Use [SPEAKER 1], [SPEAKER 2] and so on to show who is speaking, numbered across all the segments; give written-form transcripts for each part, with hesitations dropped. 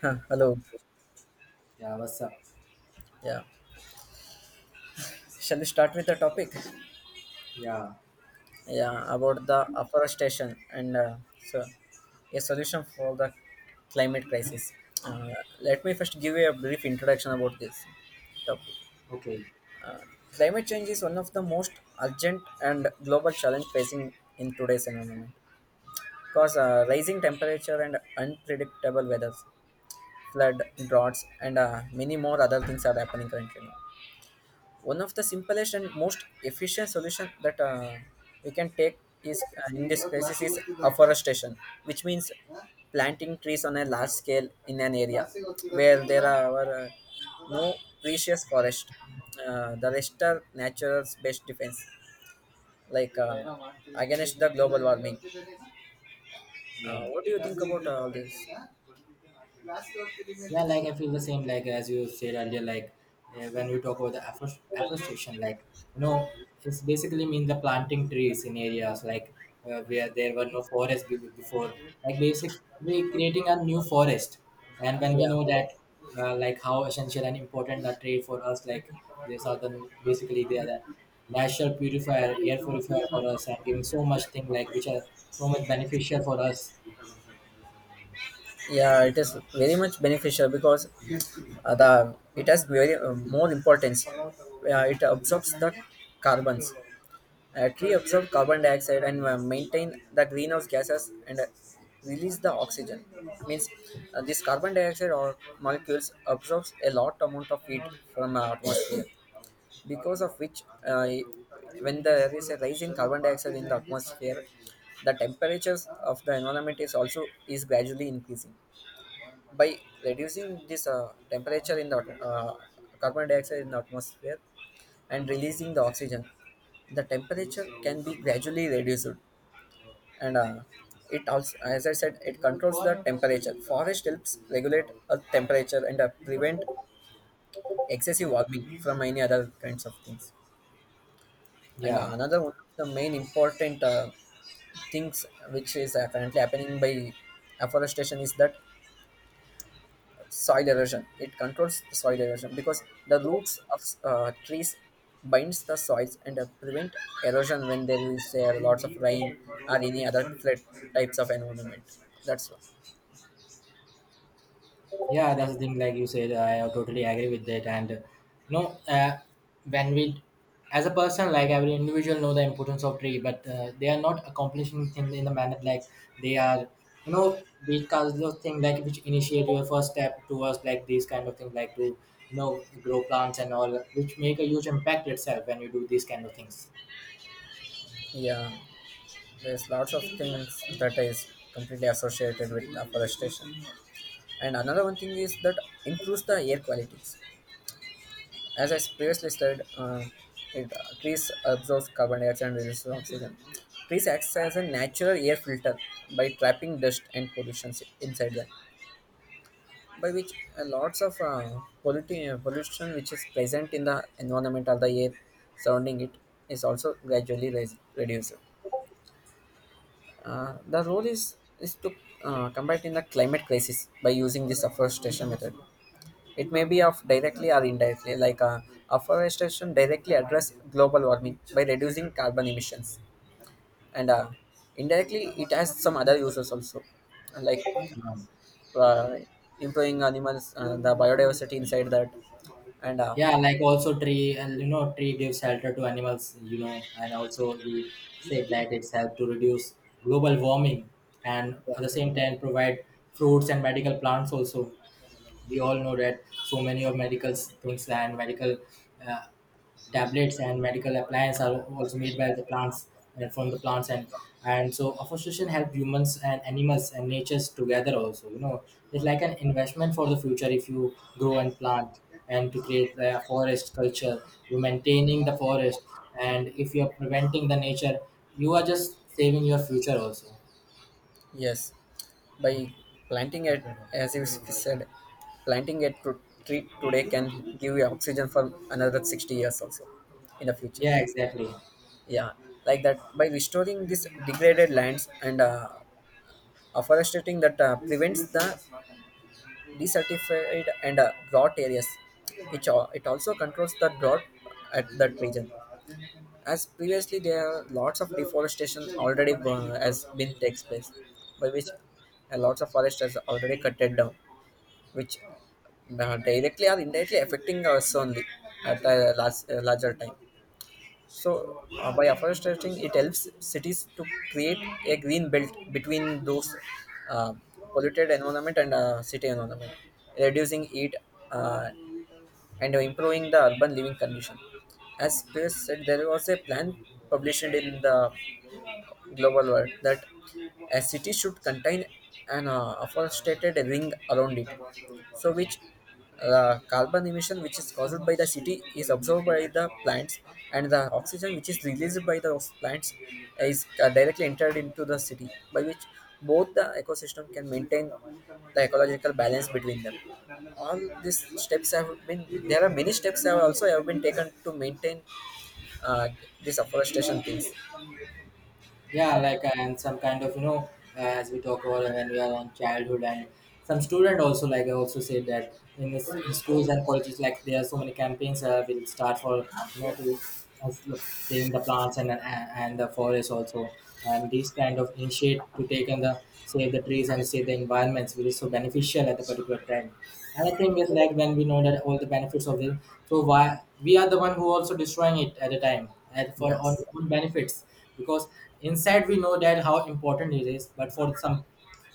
[SPEAKER 1] Hello.
[SPEAKER 2] Yeah, what's up?
[SPEAKER 1] Yeah. Shall we start with the topic?
[SPEAKER 2] Yeah,
[SPEAKER 1] Yeah, about the afforestation and so a solution for the climate crisis. Uh, Let me first give you a brief introduction about this topic.
[SPEAKER 2] okay.
[SPEAKER 1] Climate change is one of the most urgent and global challenge facing in today's environment. Cause rising temperature and unpredictable weather, flood, droughts, and many more other things are happening currently. One of the simplest and most efficient solution that we can take is in this crisis is afforestation, which means planting trees on a large scale in an area where there are no precious forest. The rest are nature's best defense like uh, against the global warming.
[SPEAKER 2] Yeah,
[SPEAKER 1] What do you think about all this?
[SPEAKER 2] yeah. Like I feel the same. Like as you said earlier, like when we talk about the afforestation, like you know, it's basically mean the planting trees in areas like where there were no forest before. Like basically creating a new forest, and when we
[SPEAKER 1] Yeah,
[SPEAKER 2] know that, like how essential and important a tree for us, like these are the basically they are the natural purifier, air purifier for us, and giving so much thing like which are so much beneficial for us.
[SPEAKER 1] yeah, it is very much beneficial because the it has very more importance. It absorbs the carbons. A tree absorbs carbon dioxide and maintain the greenhouse gases and release the oxygen. Means this carbon dioxide or molecules absorbs a lot amount of heat from atmosphere, because of which when there is a rise in carbon dioxide in the atmosphere, the temperatures of the environment is also is gradually increasing by reducing this temperature in the carbon dioxide in the atmosphere and releasing the oxygen, the temperature can be gradually reduced. And it also, as I said, it controls the temperature. Forest helps regulate a temperature and prevent excessive warming from any other kinds of things. And
[SPEAKER 2] Yeah.
[SPEAKER 1] another one of the main important things which is currently happening by afforestation is that soil erosion, it controls soil erosion because the roots of trees binds the soils and prevent erosion when there is lots of rain or any other flood types of environment, that's why.
[SPEAKER 2] Yeah, that's the thing. Like you said, I totally agree with that. And you know, when we, as a person, like every individual, know the importance of tree, but they are not accomplishing things in the manner like they are. You know, these kinds of things like which initiate your first step towards like these kind of things, like to you know grow plants and all, which make a huge impact itself when you do these kind of things.
[SPEAKER 1] Yeah, there's lots of things that is completely associated with afforestation. And another one thing is that improves the air quality. As I previously said, it, trees absorb carbon dioxide and release oxygen. Trees act as a natural air filter by trapping dust and pollution inside them, by which lots of pollution which is present in the environment or the air surrounding it is also gradually reduced. The role is to combat in the climate crisis by using this afforestation method. It may be of directly or indirectly, afforestation directly address global warming by reducing carbon emissions, and indirectly it has some other uses also, like
[SPEAKER 2] Yeah.
[SPEAKER 1] uh, improving animals the biodiversity inside that, and
[SPEAKER 2] Yeah, like also tree, and you know, tree gives shelter to animals, you know, and also you said that it's helped to reduce global warming, and
[SPEAKER 1] yeah.
[SPEAKER 2] at the same time provide fruits and medical plants also. We all know that so many of medical things and medical uh, tablets and medical appliances are also made by the plants and from the plants, and so afforestation help humans and animals and natures together also. You know, it's like an investment for the future. If you grow and plant and to create the forest culture, you're maintaining the forest, and if you're preventing the nature, you are just saving your future also.
[SPEAKER 1] Yes, by planting it, as you said, planting it to tree today can give you oxygen for another 60 years also in the future.
[SPEAKER 2] Yeah, exactly.
[SPEAKER 1] Yeah, like that, by restoring these degraded lands and afforesting that prevents the desertified and drought areas. It, it also controls the drought at that region. As previously there are lots of deforestation already has been takes place, by which lots of forest has already cutted down, which directly or indirectly affecting us only at a large, larger time. So, by afforestation, it helps cities to create a green belt between those uh, polluted environment and city environment, reducing heat uh, and improving the urban living condition. As Pierce said, there was a plan published in the global world that a city should contain an afforested ring around it, so which carbon emission which is caused by the city is absorbed by the plants, and the oxygen which is released by the plants is directly entered into the city, by which both the ecosystem can maintain the ecological balance between them. All these steps have been There are many steps have also have been taken to maintain uh, this afforestation things.
[SPEAKER 2] Yeah, like and some kind of you know, as we talk about when we are in childhood, and some student also, like I also said that in this in schools and colleges, like there are so many campaigns will start for you know to uh, saving the plants and the forest also, and these kind of initiate to take and the save the trees and save the environments will be so beneficial at the particular time. Another thing is like when we know that all the benefits of it, so why we are the one who also destroying it at the time at, for our
[SPEAKER 1] Yes.
[SPEAKER 2] own benefits, because inside we know that how important it is, but for some,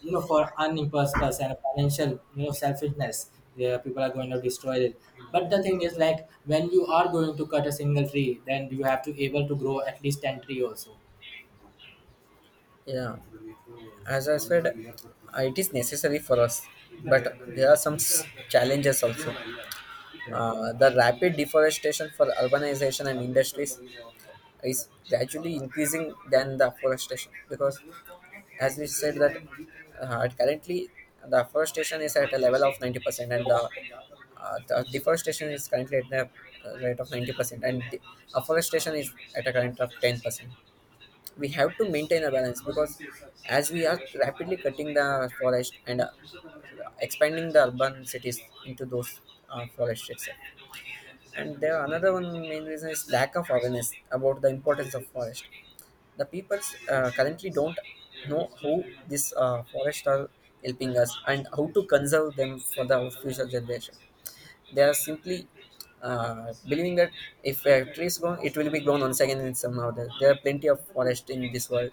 [SPEAKER 2] you know, for unimpressed person, financial, you know, selfishness, yeah, people are going to destroy it. But the thing is like when you are going to cut a single tree, then you have to able to grow at least ten tree also.
[SPEAKER 1] Yeah. As I said, it is necessary for us, but there are some challenges also.
[SPEAKER 2] Yeah.
[SPEAKER 1] The rapid deforestation for urbanization and industries is gradually increasing than the afforestation because, as we said, that currently the afforestation is at a level of 90% and the deforestation is currently at the rate of 90% and the afforestation is at a current of 10%. We have to maintain a balance because as we are rapidly cutting the forest and expanding the urban cities into those forest itself. And there another one main reason is lack of awareness about the importance of forest. The people currently don't know how this forest are helping us and how to conserve them for the future generation. They are simply believing that if a tree is grown, it will be grown once again in some order. There are plenty of forest in this world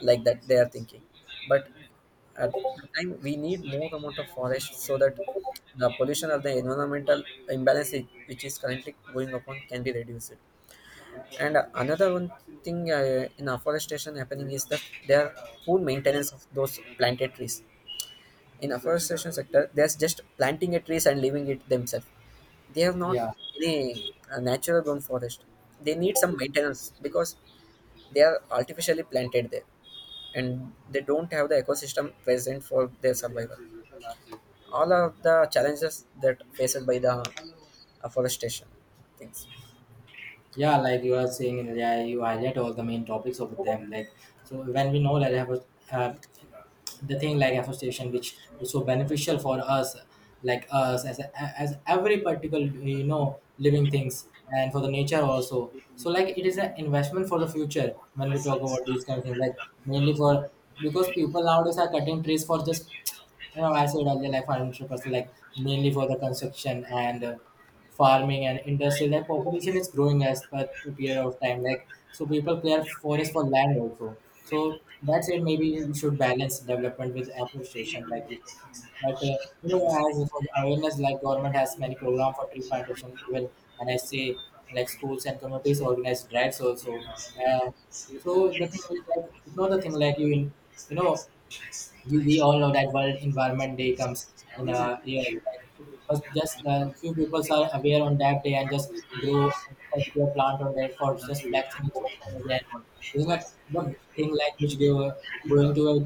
[SPEAKER 1] like that, they are thinking. But at the time we need more amount of forest so that the pollution or the environmental imbalance which is currently going upon can be reduced. And another one thing in afforestation happening is that there are poor maintenance of those planted trees. In afforestation sector they're just planting a trees and leaving it themselves. They have not
[SPEAKER 2] Yeah.
[SPEAKER 1] any natural grown forest. They need some maintenance because they are artificially planted there, and they don't have the ecosystem present for their survival. All of the challenges that faced by the afforestation things.
[SPEAKER 2] Yeah, like you are saying, yeah, you highlight all the main topics of them. Like, so when we know that I was uh, the thing like association which is so beneficial for us, like us as every particular you know living things and for the nature also. So like it is an investment for the future when we talk about these kind of things, like mainly for because people nowadays are cutting trees for just you know I said earlier, like for interest, like mainly for the construction and farming and industry, like population is growing as per the period of time, like so people clear forest for land also. So that's it, maybe we should balance development with afforestation like you said. But you know, as for the awareness, like government has many program for tree plantation even, and I say like schools and communities organize drives also. uh, so the thing is like you know the thing like you in you know we all know that world environment day comes in a year, like but just few people are aware on that day and just grow a particular plant on that for just flexing in social media and all. This is not the thing like which going to a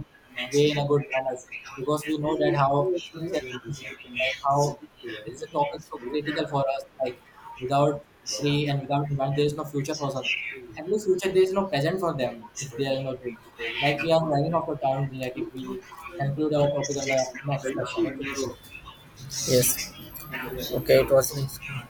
[SPEAKER 2] way in a good balance, because we know that how social is, like how this is a topic so critical for us, like without tree and without environment there is no future for us. At least future, there is no present for them if there are no tree. Like we are running out of time, like if we conclude our topic on the next session, okay.
[SPEAKER 1] Yes, okay, it was nice.